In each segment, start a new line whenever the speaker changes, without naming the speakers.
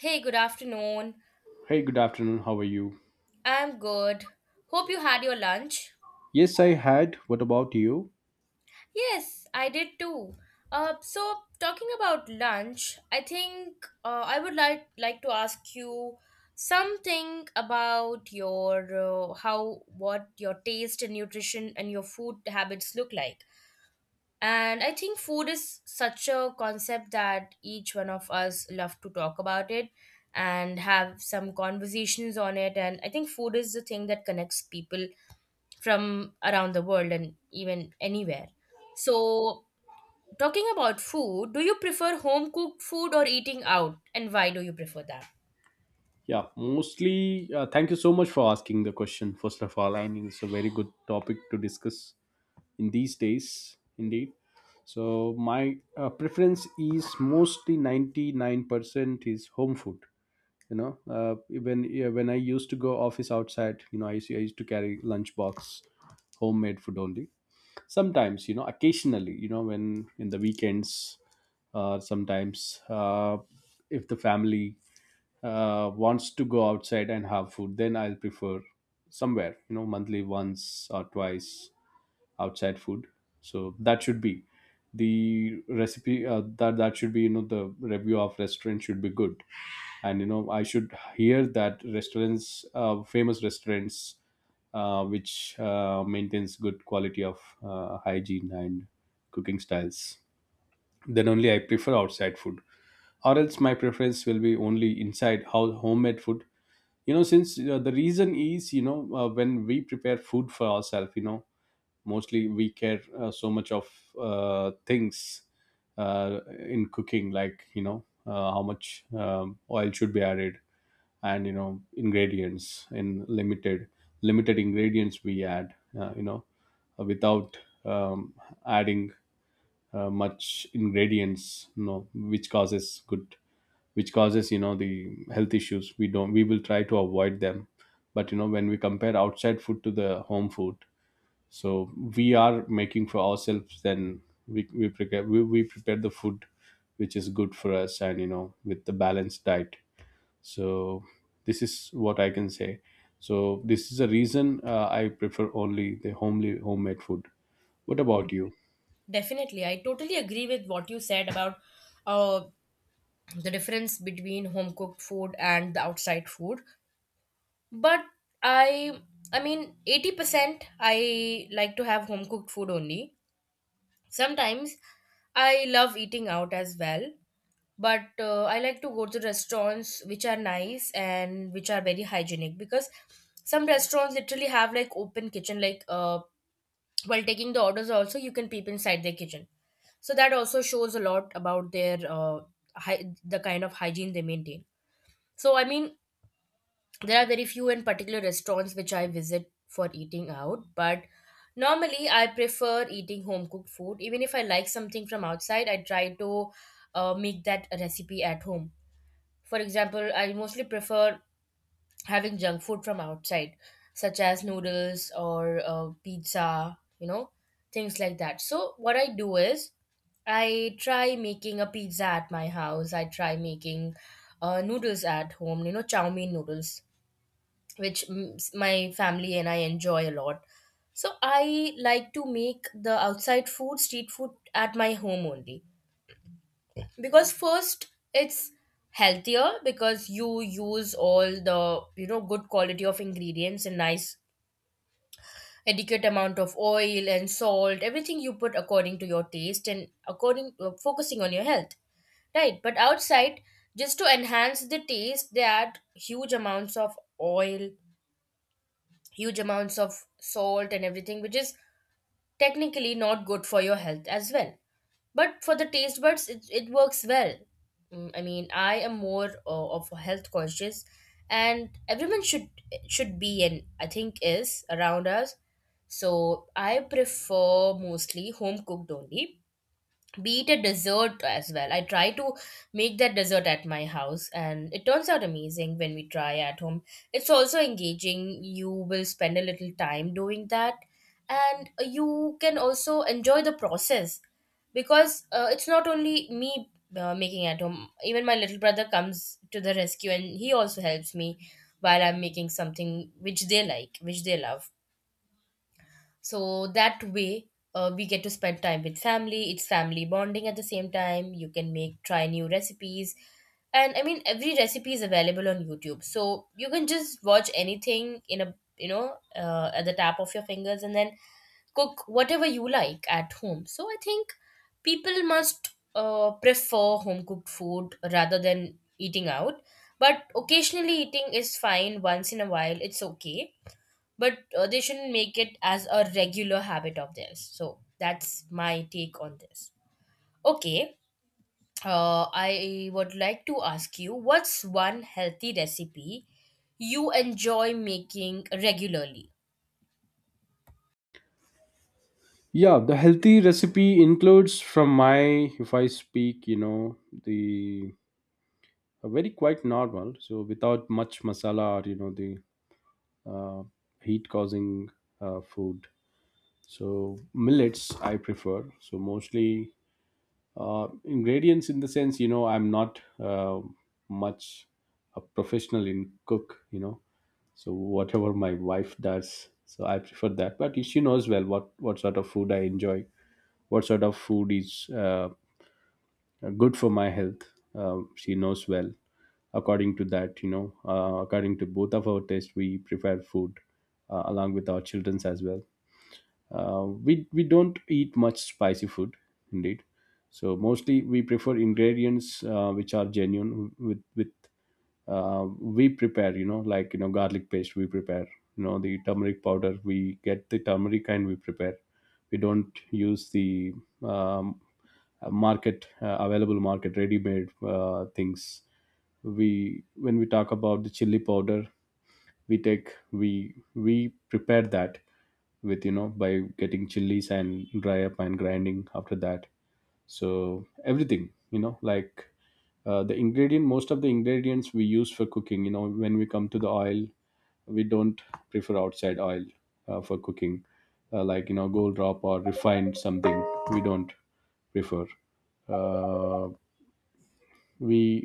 Hey, good afternoon.
Hey, good afternoon. How are you?
I'm good. Hope you had your lunch.
Yes, I had. What about you?
Yes, I did too. So talking about lunch, I think I would like to ask you something about your how what your taste and nutrition and your food habits look like. And I think food is such a concept that each one of us love to talk about it and have some conversations on it. And I think food is the thing that connects people from around the world and even anywhere. So, talking about food, do you prefer home cooked food or eating out? And why do you prefer that?
Yeah, mostly. Thank you so much for asking the question, first of all. I mean, it's a very good topic to discuss in these days, indeed. So, my preference is mostly 99% is home food. You know, uh, yeah, when I used to go office outside, you know, I used to carry lunch box, homemade food only. Sometimes, you know, occasionally, you know, when in the weekends, sometimes, if the family wants to go outside and have food, then I'll prefer somewhere, you know, monthly once or twice outside food. So that should be the recipe, that that should be, you know, the review of restaurant should be good, and you know, I should hear that restaurants, famous restaurants, which maintains good quality of hygiene and cooking styles, then only I prefer outside food. Or else my preference will be only inside how homemade food, you know. Since, the reason is, you know, when we prepare food for ourselves, you know, mostly we care so much of things in cooking, like you know, how much oil should be added, and you know, ingredients in limited, limited ingredients we add, uh, you know without um, adding much ingredients, you know, which causes good, which causes, you know, the health issues we don't, we will try to avoid them. But you know, when we compare outside food to the home food, so we are making for ourselves, then we prepare the food which is good for us, and you know, with the balanced diet. So this is what I can say. So this is the reason I prefer only the homely homemade food. What about you?
Definitely, I totally agree with what you said about uh, the difference between home cooked food and the outside food. But I, I mean, 80% I like to have home cooked food only. Sometimes I love eating out as well, but I like to go to restaurants which are nice and which are very hygienic, because some restaurants literally have like open kitchen, like while taking the orders also you can peep inside their kitchen, so that also shows a lot about their the kind of hygiene they maintain. So I mean, there are very few and particular restaurants which I visit for eating out, but normally I prefer eating home cooked food. Even if I like something from outside, I try to make that recipe at home. For example, I mostly prefer having junk food from outside, such as noodles or pizza, you know, things like that. So, what I do is I try making a pizza at my house, I try making noodles at home, you know, chow mein noodles, which my family and I enjoy a lot. So, I like to make the outside food, street food at my home only, because first it's healthier, because you use all the, you know, good quality of ingredients, and nice adequate amount of oil and salt, everything you put according to your taste and according, focusing on your health, right? But outside, just to enhance the taste, they add huge amounts of oil, huge amounts of salt and everything, which is technically not good for your health as well. But for the taste buds, it works well. Mm, I mean, I am more of a health conscious, and everyone should be, and I think is around us. So I prefer mostly home cooked only, be it a dessert as well. I try to make that dessert at my house and it turns out amazing when we try at home. It's also engaging. You will spend a little time doing that and you can also enjoy the process, because it's not only me making at home. Even my little brother comes to the rescue and he also helps me while I'm making something which they like, which they love. So that way, we get to spend time with family. It's family bonding. At the same time, you can make, try new recipes. And I mean, every recipe is available on YouTube, so you can just watch anything in a, you know, at the tap of your fingers, and then cook whatever you like at home. So I think people must prefer home cooked food rather than eating out. But occasionally eating is fine, once in a while it's okay, but they shouldn't make it as a regular habit of theirs. So that's my take on this. Okay, I would like to ask you, what's one healthy recipe you enjoy making regularly?
Yeah, the healthy recipe includes from my, if I speak, you know, the, a very quite normal, so without much masala or you know, the uh, heat causing food. So millets I prefer. So mostly ingredients, in the sense, you know, I'm not much a professional in cook, you know. So whatever my wife does, so I prefer that, but she knows well what sort of food I enjoy, what sort of food is good for my health, she knows well. According to that, you know, according to both of our taste, we prepare food, along with our children's as well. We don't eat much spicy food, indeed. So mostly we prefer ingredients which are genuine, with we prepare. You know, like you know, garlic paste we prepare. You know, the turmeric powder, we get the turmeric and we prepare. We don't use the um, market, available market ready made things. We, when we talk about the chili powder, we take we prepare that with, you know, by getting chilies and dry up and grinding after that. So everything, you know, like the ingredient, most of the ingredients we use for cooking, you know, when we come to the oil, we don't prefer outside oil for cooking, like you know, gold drop or refined something, we don't prefer. uh, we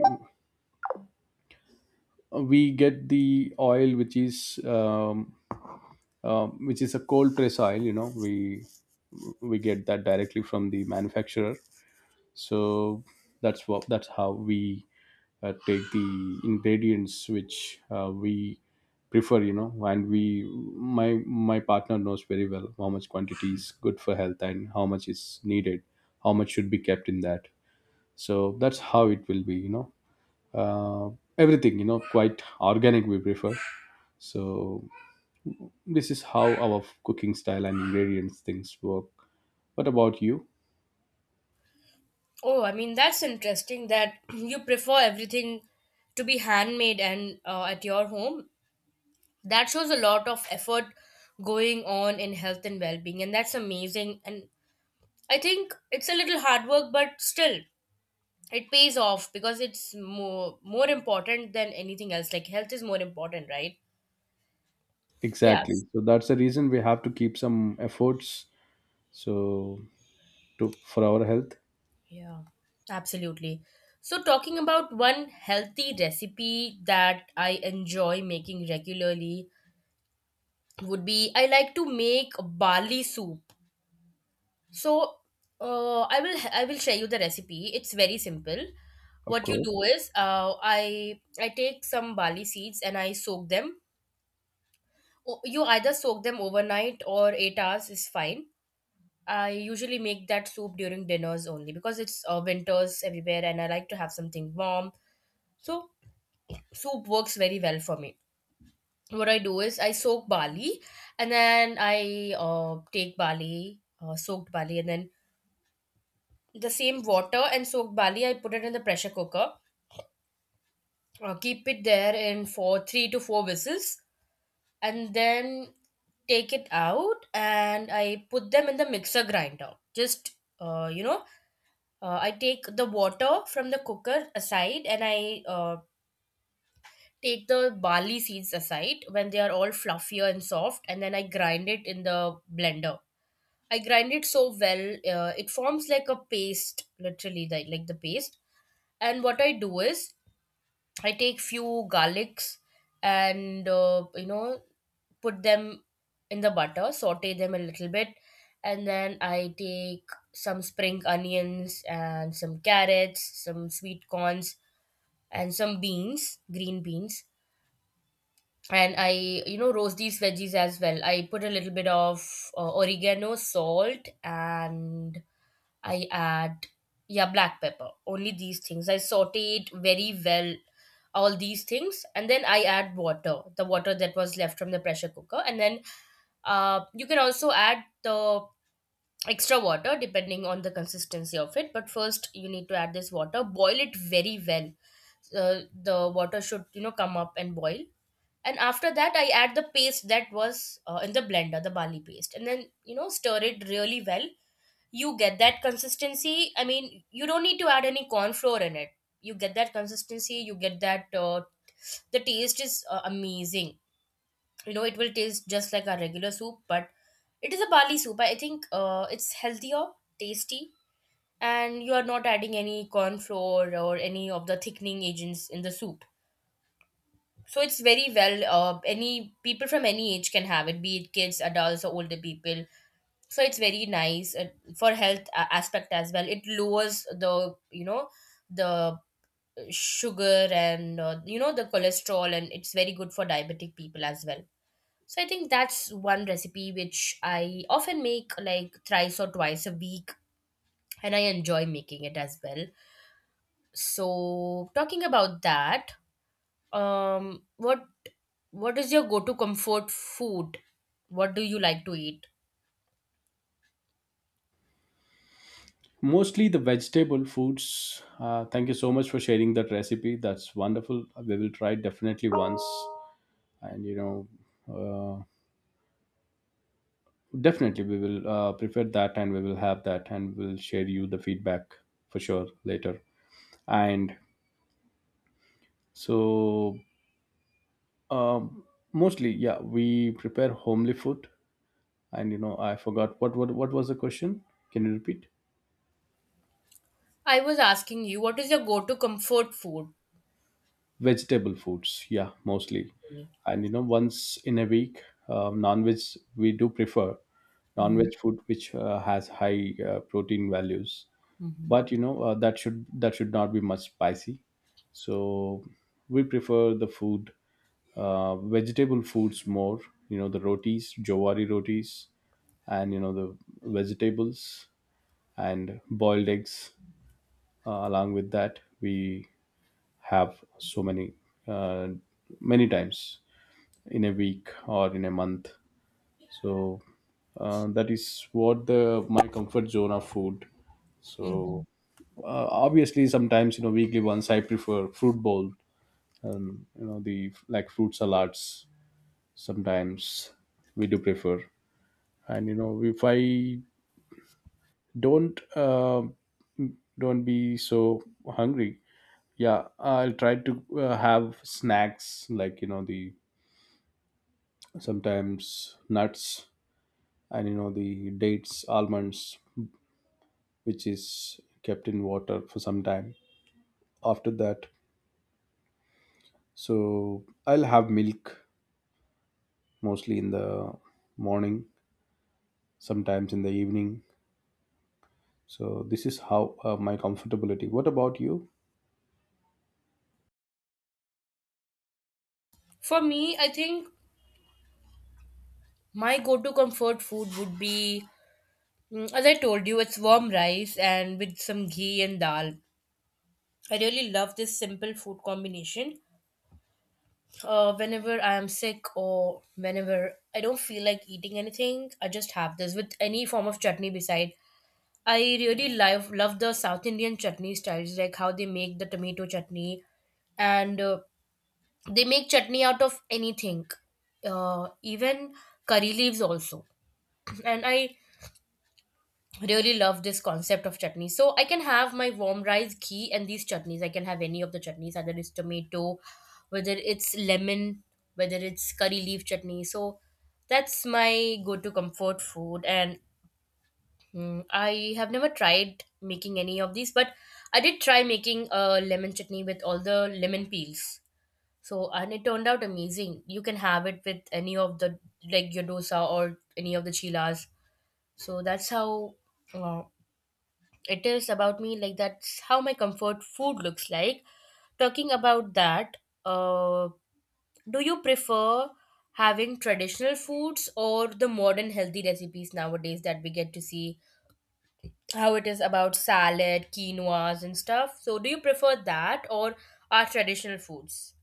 we get the oil which is a cold press oil, you know, we get that directly from the manufacturer. So that's how we take the ingredients which we prefer, you know. And we my my partner knows very well how much quantity is good for health and how much is needed, how much should be kept in that. So that's how it will be, you know. uh, Everything, you know, quite organic we prefer. So this is how our cooking style and ingredients things work. What about you?
Oh, I mean, that's interesting that you prefer everything to be handmade and at your home. That shows a lot of effort going on in health and well-being, and that's amazing. And I think it's a little hard work, but still it pays off, because it's more important than anything else. Like, health is more important, right? Yes.
Exactly, so that's the reason we have to keep some efforts. So, to for our health,
Yeah, absolutely. So, talking about one healthy recipe that I enjoy making regularly, would be, I like to make barley soup. So I will share you the recipe. It's very simple.
of
What you do
course.
is I take some barley seeds and I soak them. You either soak them overnight, or 8 hours is fine. I usually make that soup during dinners only, because it's winters everywhere and I like to have something warm. So soup works very well for me. What I do is I soak barley, and then I take barley, soaked barley, and then the same water and soaked barley, I put it in the pressure cooker, keep it there in for three to four whistles, and then take it out and I put them in the mixer grinder. Uh, you know, I take the water from the cooker aside, and I take the barley seeds aside when they are all fluffier and soft, and then I grind it in the blender. I grind it so well, it forms like a paste, literally, like the paste. And what I do is I take few garlics and, put them in the butter, saute them a little bit, and then I take some spring onions and some carrots, some sweet corns and some beans, green beans. And I, you know, roast these veggies as well. I put a little bit of oregano, salt, and I add, yeah, black pepper. Only these things. I saute it very well, all these things. And then I add water, the water that was left from the pressure cooker. And then you can also add the extra water depending on the consistency of it, but first you need to add this water, boil it very well. The water should, you know, come up and boil, and after that I add the paste that was in the blender, the barley paste, and then, you know, stir it really well. You get that consistency. I mean, you don't need to add any corn flour in it. You get that consistency, you get that, the taste is amazing. You know, it will taste just like a regular soup, but it is a barley soup. I think it's healthier, tasty, and you are not adding any corn flour or any of the thickening agents in the soup. So it's very well, any people from any age can have it, be it kids, adults, or older people. So it's very nice, for health aspect as well. It lowers the, you know, the sugar and the cholesterol, and it's very good for diabetic people as well. So I think that's one recipe which I often make, like thrice or twice a week, and I enjoy making it as well. So talking about that, um, what what is your go-to comfort food? What do you like to eat?
Mostly the vegetable foods. Thank you so much for sharing that recipe. That's wonderful. We will try definitely once, and you know, definitely we will prepare that, and we will have that, and we'll share you the feedback for sure later. And so, um, mostly, yeah, we prepare homely food. And you know, I forgot what was the question? Can you repeat?
I was asking you, what is your go-to comfort food?
Vegetable foods, yeah, mostly.
Mhm,
And you know, once in a week, non-veg we do prefer. Non-veg food which has high protein values.
mhm,
But you know, that should not be much spicy. So we prefer the food, vegetable foods more, you know, the rotis, jowari rotis, and you know, the vegetables and boiled eggs. Along with that, we have so many uh, many times in a week or in a month. So that is what the my comfort zone of food.
mhm.
So obviously, sometimes, you know, weekly once, I prefer fruit bowl. You know, the like fruit salads. Sometimes we do prefer, and you know, if I don't uh, don't be so hungry, yeah, I'll try to have snacks, like you know, the, sometimes nuts, and you know, the dates, almonds, which is kept in water for some time. After that, so I'll have milk, mostly in the morning, sometimes in the evening. So this is how my comfortability. What about you?
For me, I think my go-to comfort food would be, as I told you, it's warm rice and with some ghee and dal. I really love this simple food combination whenever I am sick or whenever I don't feel like eating anything, I just have this with any form of chutney beside. I really love the South Indian chutney styles, like how they make the tomato chutney, and they make chutney out of anything, even curry leaves also. And I really love this concept of chutney, so I can have my warm rice, ghee and these chutneys. I can have any of the chutneys, either it's tomato, whether it's lemon, whether it's curry leaf chutney. So that's my go-to comfort food. And I have never tried making any of these, but I did try making a lemon chutney with all the lemon peels. So and it turned out amazing. You can have it with any of the like your dosa or any of the chilas. So that's how uh, it is about me, like that's how my comfort food looks like. Talking about that, uh, do you prefer having traditional foods or the modern healthy recipes nowadays that we get to see, how it is about salad, quinoas and stuff? So do you prefer that or our traditional foods?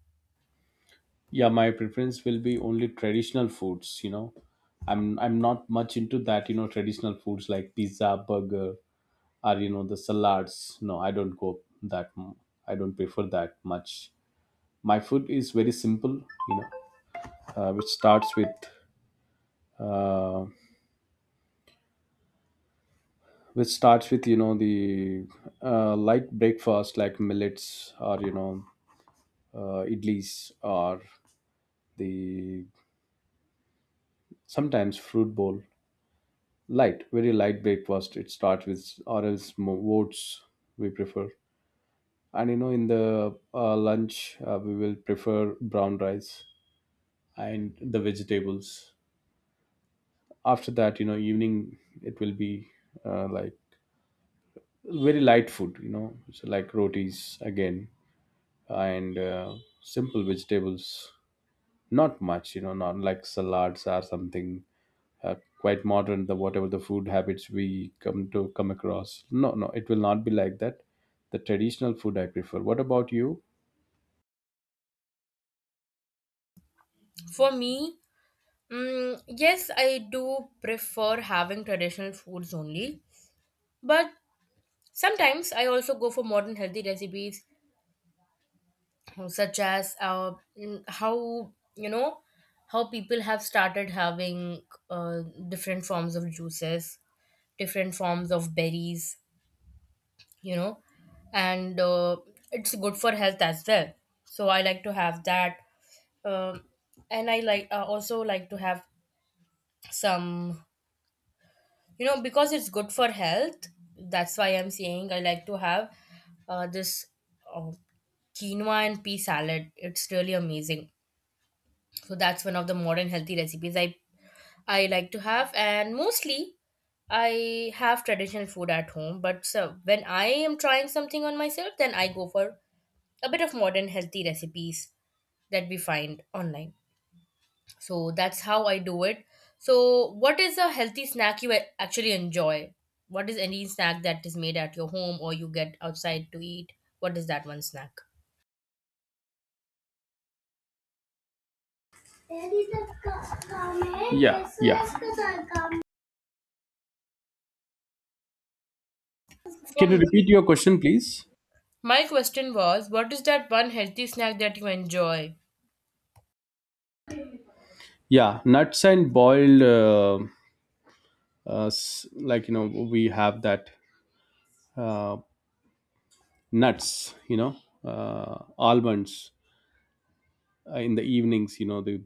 Yeah, my preference will be only traditional foods, you know. I'm not much into that, you know, traditional foods like pizza, burger, or you know, the salads. No, I don't go that. I don't prefer that much. My food is very simple, you know, uh, which starts with uh, which starts with, you know, the light breakfast like millets or you know, idlis or the sometimes fruit bowl, light, very light breakfast it starts with. Or else oats we prefer. And you know, in the lunch, we will prefer brown rice and the vegetables. After that, you know, evening it will be like very light food, you know, so like rotis again and simple vegetables. Not much, you know, not like salads or something uh, quite modern. The, whatever the food habits we come across. No, no, it will not be like that. The traditional food I prefer. What about you?
For me, yes, I do prefer having traditional foods only, but sometimes I also go for modern healthy recipes, such as how how people have started having uh, different forms of juices, different forms of berries, you know. And it's good for health as well, so I like to have that. um, and I like also like to have some, you know, because it's good for health, that's why I'm saying I like to have this uh, quinoa and pea salad. It's really amazing. So that's one of the modern healthy recipes I like to have, and mostly I have traditional food at home, but so when I am trying something on myself, then I go for a bit of modern healthy recipes that we find online. So that's how I do it. So what is a healthy snack you actually enjoy? What is any snack that is made at your home or you get outside to eat? What is that one snack
Yeah, yeah. Can you
from?
repeat your question, please?
My question was, what is that one healthy snack that you enjoy?
Yeah, nuts and boiled, like, you know, we have that uh, nuts, you know, almonds. In the evenings, you know, the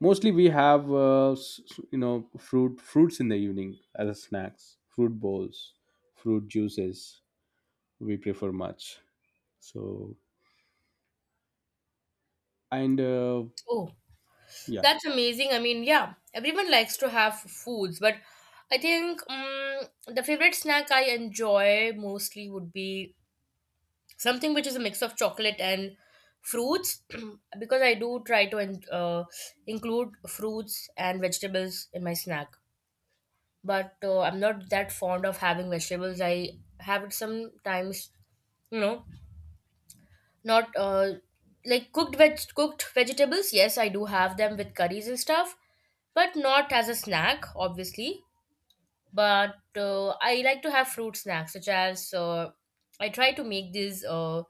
mostly we have you know, fruits in the evening as a snacks, fruit bowls, fruit juices, we prefer much. So and
Oh,
yeah.
that's amazing. I mean, yeah, everyone likes to have foods, but I think the favorite snack I enjoy mostly would be something which is a mix of chocolate and fruits. Because I do try to include fruits and vegetables in my snack. But I'm not that fond of having vegetables. I have it sometimes, you know, not like cooked vegetables. Yes, I do have them with curries and stuff, but not as a snack obviously. But I like to have fruit snacks such as, I try to make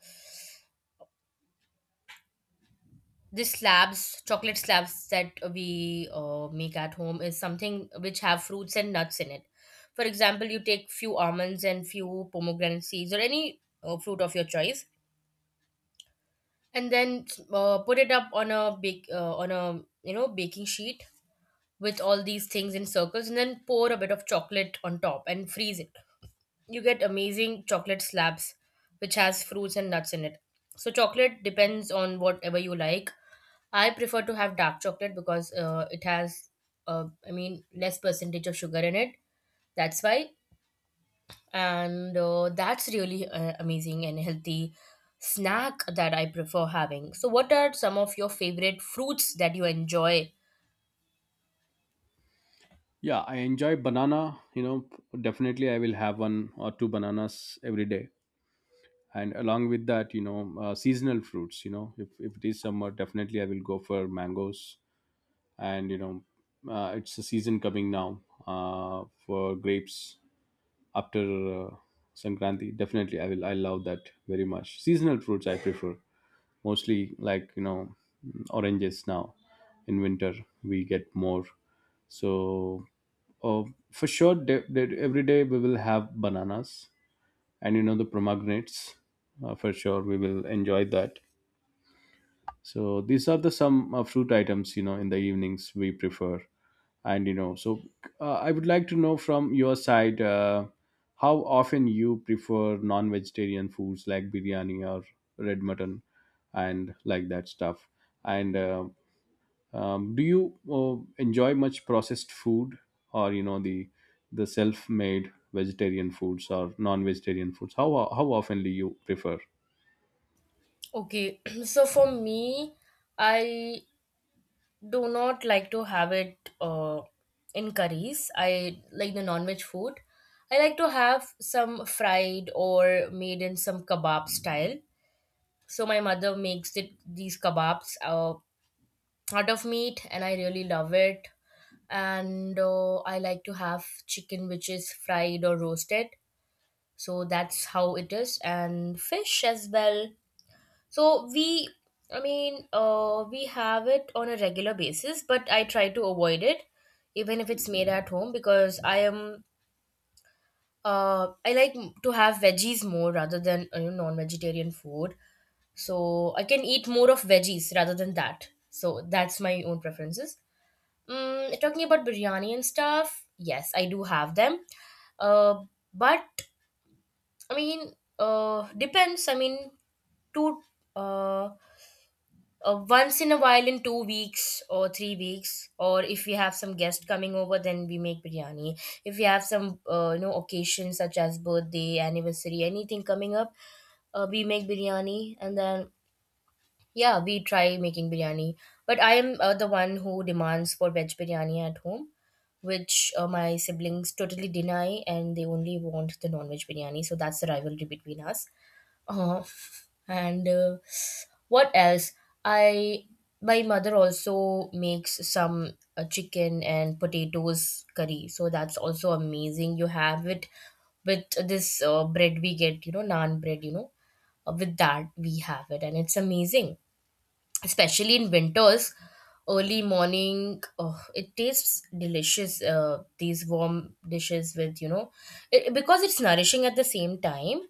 these slabs chocolate slabs that we make at home, is something which have fruits and nuts in it. For example, you take few almonds and few pomegranate seeds or any fruit of your choice, and then put it up on a bake on a, you know, baking sheet with all these things in circles, and then pour a bit of chocolate on top and freeze it. You get amazing chocolate slabs which has fruits and nuts in it. So chocolate depends on whatever you like. I prefer to have dark chocolate because it has, I mean, less percentage of sugar in it. That's why. And that's really amazing and healthy snack that I prefer having. So what are some of your favorite fruits that you enjoy?
Yeah, I enjoy banana, you know. Definitely, I will have one or two bananas every day. And along with that, you know, seasonal fruits, you know, if it is summer, definitely I will go for mangoes. And you know, it's a season coming now, for grapes after, Sankranti. Definitely, I will. I love that very much. Seasonal fruits I prefer mostly, like you know, mm, oranges now. In winter, we get more. So, uh, for sure, every day we will have bananas, and you know, the pomegranates. For sure, we will enjoy that. So these are the some fruit items, you know, in the evenings we prefer. And you know, so I would like to know from your side, how often you prefer non-vegetarian foods like biryani or red mutton and like that stuff. And do you enjoy much processed food, or you know, the self-made vegetarian foods or non-vegetarian foods, how often do you prefer?
Okay, so for me, I do not like to have it in curries. I like the non-veg food. I like to have some fried or made in some kebab style. So my mother makes it these kebabs out of meat, and I really love it. And I like to have chicken which is fried or roasted. So that's how it is, and fish as well. So we, I mean, we have it on a regular basis, but I try to avoid it, even if it's made at home, because I am, I like to have veggies more rather than you know, non-vegetarian food. So I can eat more of veggies rather than that. So that's my own preferences. Mm, talking about biryani and stuff, yes, I do have them. Uh, but I mean, depends. I mean, two. Uh, once in a while in 2 weeks or 3 weeks, or if we have some guest coming over, then we make biryani. If we have some you know, occasion such as birthday, anniversary, anything coming up, we make biryani. And then, yeah, we try making biryani. But I am the one who demands for veg biryani at home, which my siblings totally deny, and they only want the non-veg biryani. So that's the rivalry between us. Uh, and What else? I My mother also makes some chicken and potatoes curry, so that's also amazing. You have it with this bread we get, you know, naan bread, you know, with that we have it, and it's amazing, especially in winters, early morning. Oh, it tastes delicious, these warm dishes with, you know, it, because it's nourishing at the same time.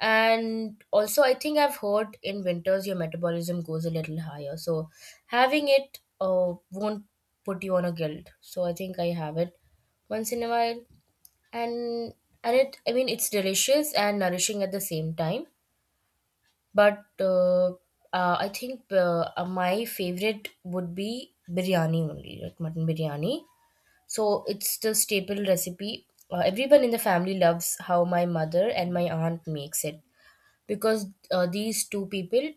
And also I think I've heard in winters your metabolism goes a little higher, so having it won't put you on a guilt. So I think I have it once in a while. And and it, I mean, it's delicious and nourishing at the same time. But I think, my favorite would be biryani only, like mutton biryani. So it's the staple recipe. Everyone in the family loves how my mother and my aunt makes it, because these two people,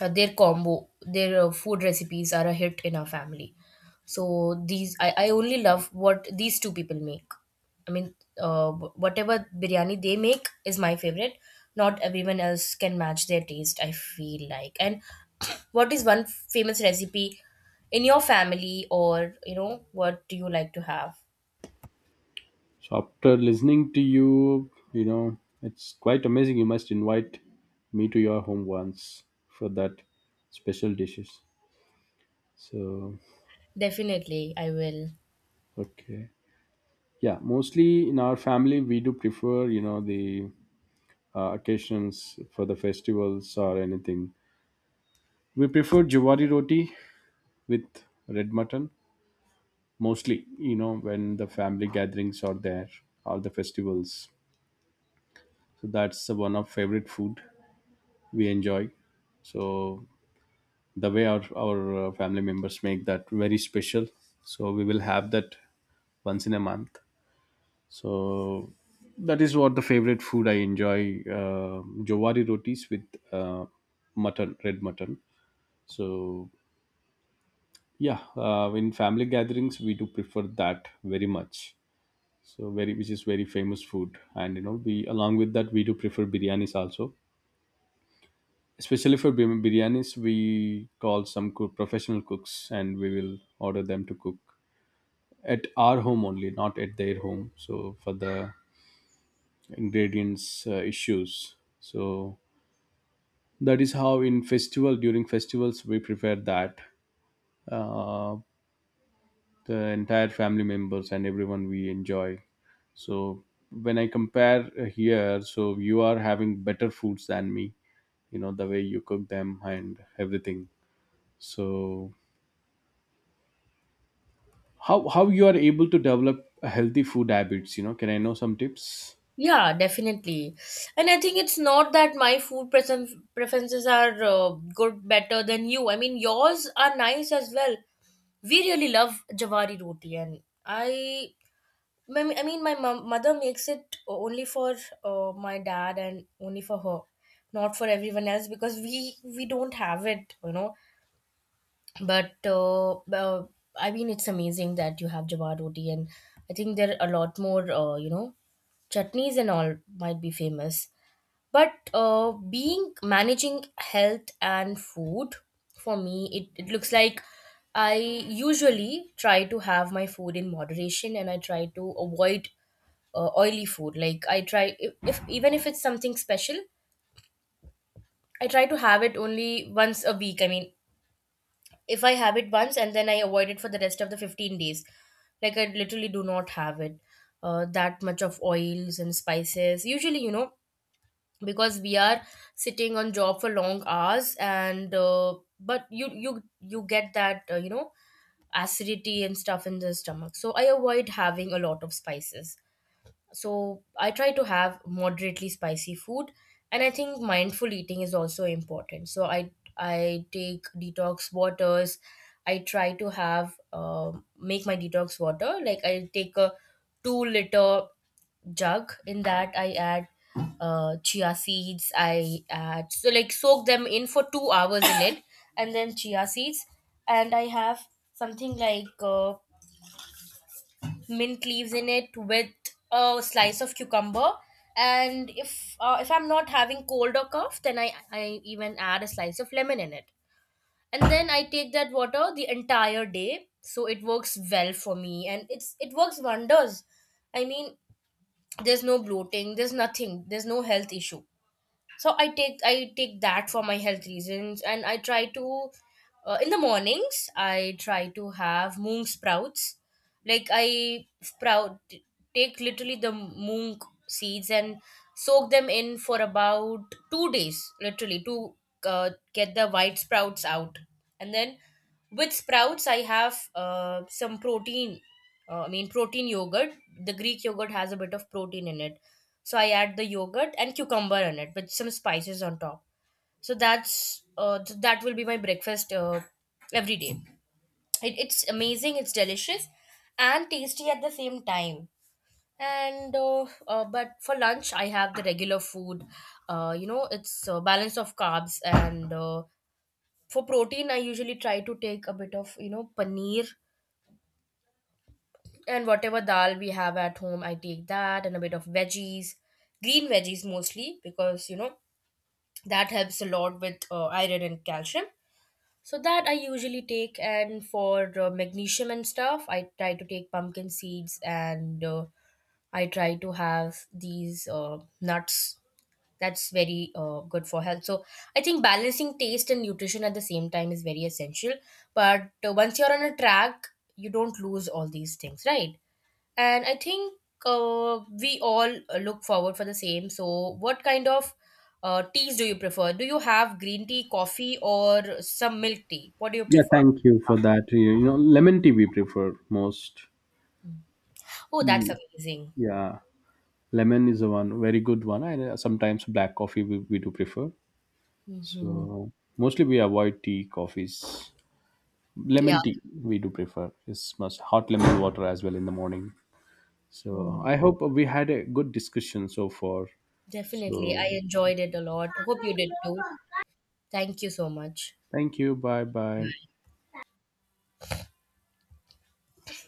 their combo their food recipes are a hit in our family. So these, I only love what these two people make. I mean, whatever biryani they make is my favorite. Not everyone else can match their taste, I feel like. And what is one famous recipe in your family, or you know, what do you like to have?
So after listening to you, you know, it's quite amazing. You must invite me to your home once for that special dishes. So
Definitely I will.
okay, yeah. Mostly in our family, we do prefer, you know, the occasions for the festivals or anything. We prefer jawari roti with red mutton mostly. You know, when the family gatherings are there or the festivals. So that's the one of favorite food we enjoy. So the way our family members make that very special, so we will have that once in a month. So that is what the favorite food I enjoy, uh, jowari rotis with mutton, red mutton. So yeah, in family gatherings we do prefer that very much. So very, which is very famous food. And you know, we, along with that, we do prefer biryanis also. Especially for biryanis, we call some cook, professional cooks, and we will order them to cook at our home only, not at their home, so for the ingredients issues. So that is how in festival, during festivals, we prepare that. uh, the entire family members and everyone we enjoy. So when I compare here, so you are having better foods than me, you know, the way you cook them and everything. So how you are able to develop a healthy food habits, you know, can I know some tips?
Yeah, definitely. And I think it's not that my food preferences are good, better than you. I mean, yours are nice as well. We really love Jawari roti, and mother makes it only for my dad and only for her, not for everyone else, because we don't have it, you know. But I mean, it's amazing that you have Jawari roti. And I think there are a lot more, you know, chutneys and all might be famous. But being managing health and food, for me it looks like I usually try to have my food in moderation, and I try to avoid oily food. Like I try, if even if it's something special, I try to have it only once a week. I mean, if I have it once, and then I avoid it for the rest of the 15 days. Like I literally do not have it that much of oils and spices usually, you know, because we are sitting on job for long hours. And but you get that, you know, acidity and stuff in the stomach, so I avoid having a lot of spices. So I try to have moderately spicy food. And I think mindful eating is also important. So I take detox waters. I try to have, make my detox water, like I take a 2-liter jug. In that I add chia seeds. I add, so like soak them in for 2 hours in it, and then chia seeds. And I have something like mint leaves in it with a slice of cucumber. And if I'm not having cold or cough, then I even add a slice of lemon in it. And then I take that water the entire day, so it works well for me. And it works wonders. I mean, there's no bloating, there's nothing, there's no health issue. So I take that for my health reasons. And I try to, in the mornings I try to have moong sprouts. Like I sprout, take literally the moong seeds, and soak them in for about 2 days, literally to get the white sprouts out. And then with sprouts, I have some protein. I mean, protein yogurt. The Greek yogurt has a bit of protein in it, so I add the yogurt and cucumber in it with some spices on top. So that's that will be my breakfast every day. It's amazing. It's delicious and tasty at the same time. And but for lunch, I have the regular food. You know, it's balance of carbs. And for protein, I usually try to take a bit of, you know, paneer and whatever dal we have at home. I take that and a bit of veggies, green veggies mostly, because, you know, that helps a lot with iron and calcium. So that I usually take. And for magnesium and stuff, I try to take pumpkin seeds. And I try to have these nuts. That's very good for health. So I think balancing taste and nutrition at the same time is very essential. But once you're on a track, you don't lose all these things, right? And I think we all look forward for the same. So what kind of teas do you prefer? Do you have green tea, coffee, or some milk tea? What do you
Yeah,
prefer?
thank you for that. You know, lemon tea we prefer most.
Mm. Oh, that's amazing.
Yeah, lemon is the one very good one. And sometimes black coffee we do prefer.
Hmm.
So mostly we avoid tea, coffees.
Yeah.
Lemon tea we do prefer. It's must hot lemon water as well in the morning.
Oh,
So I hope we had a good discussion so far.
definitely, I
So
enjoyed it a lot. Hope you did too. Thank you so much.
thank you. Bye bye.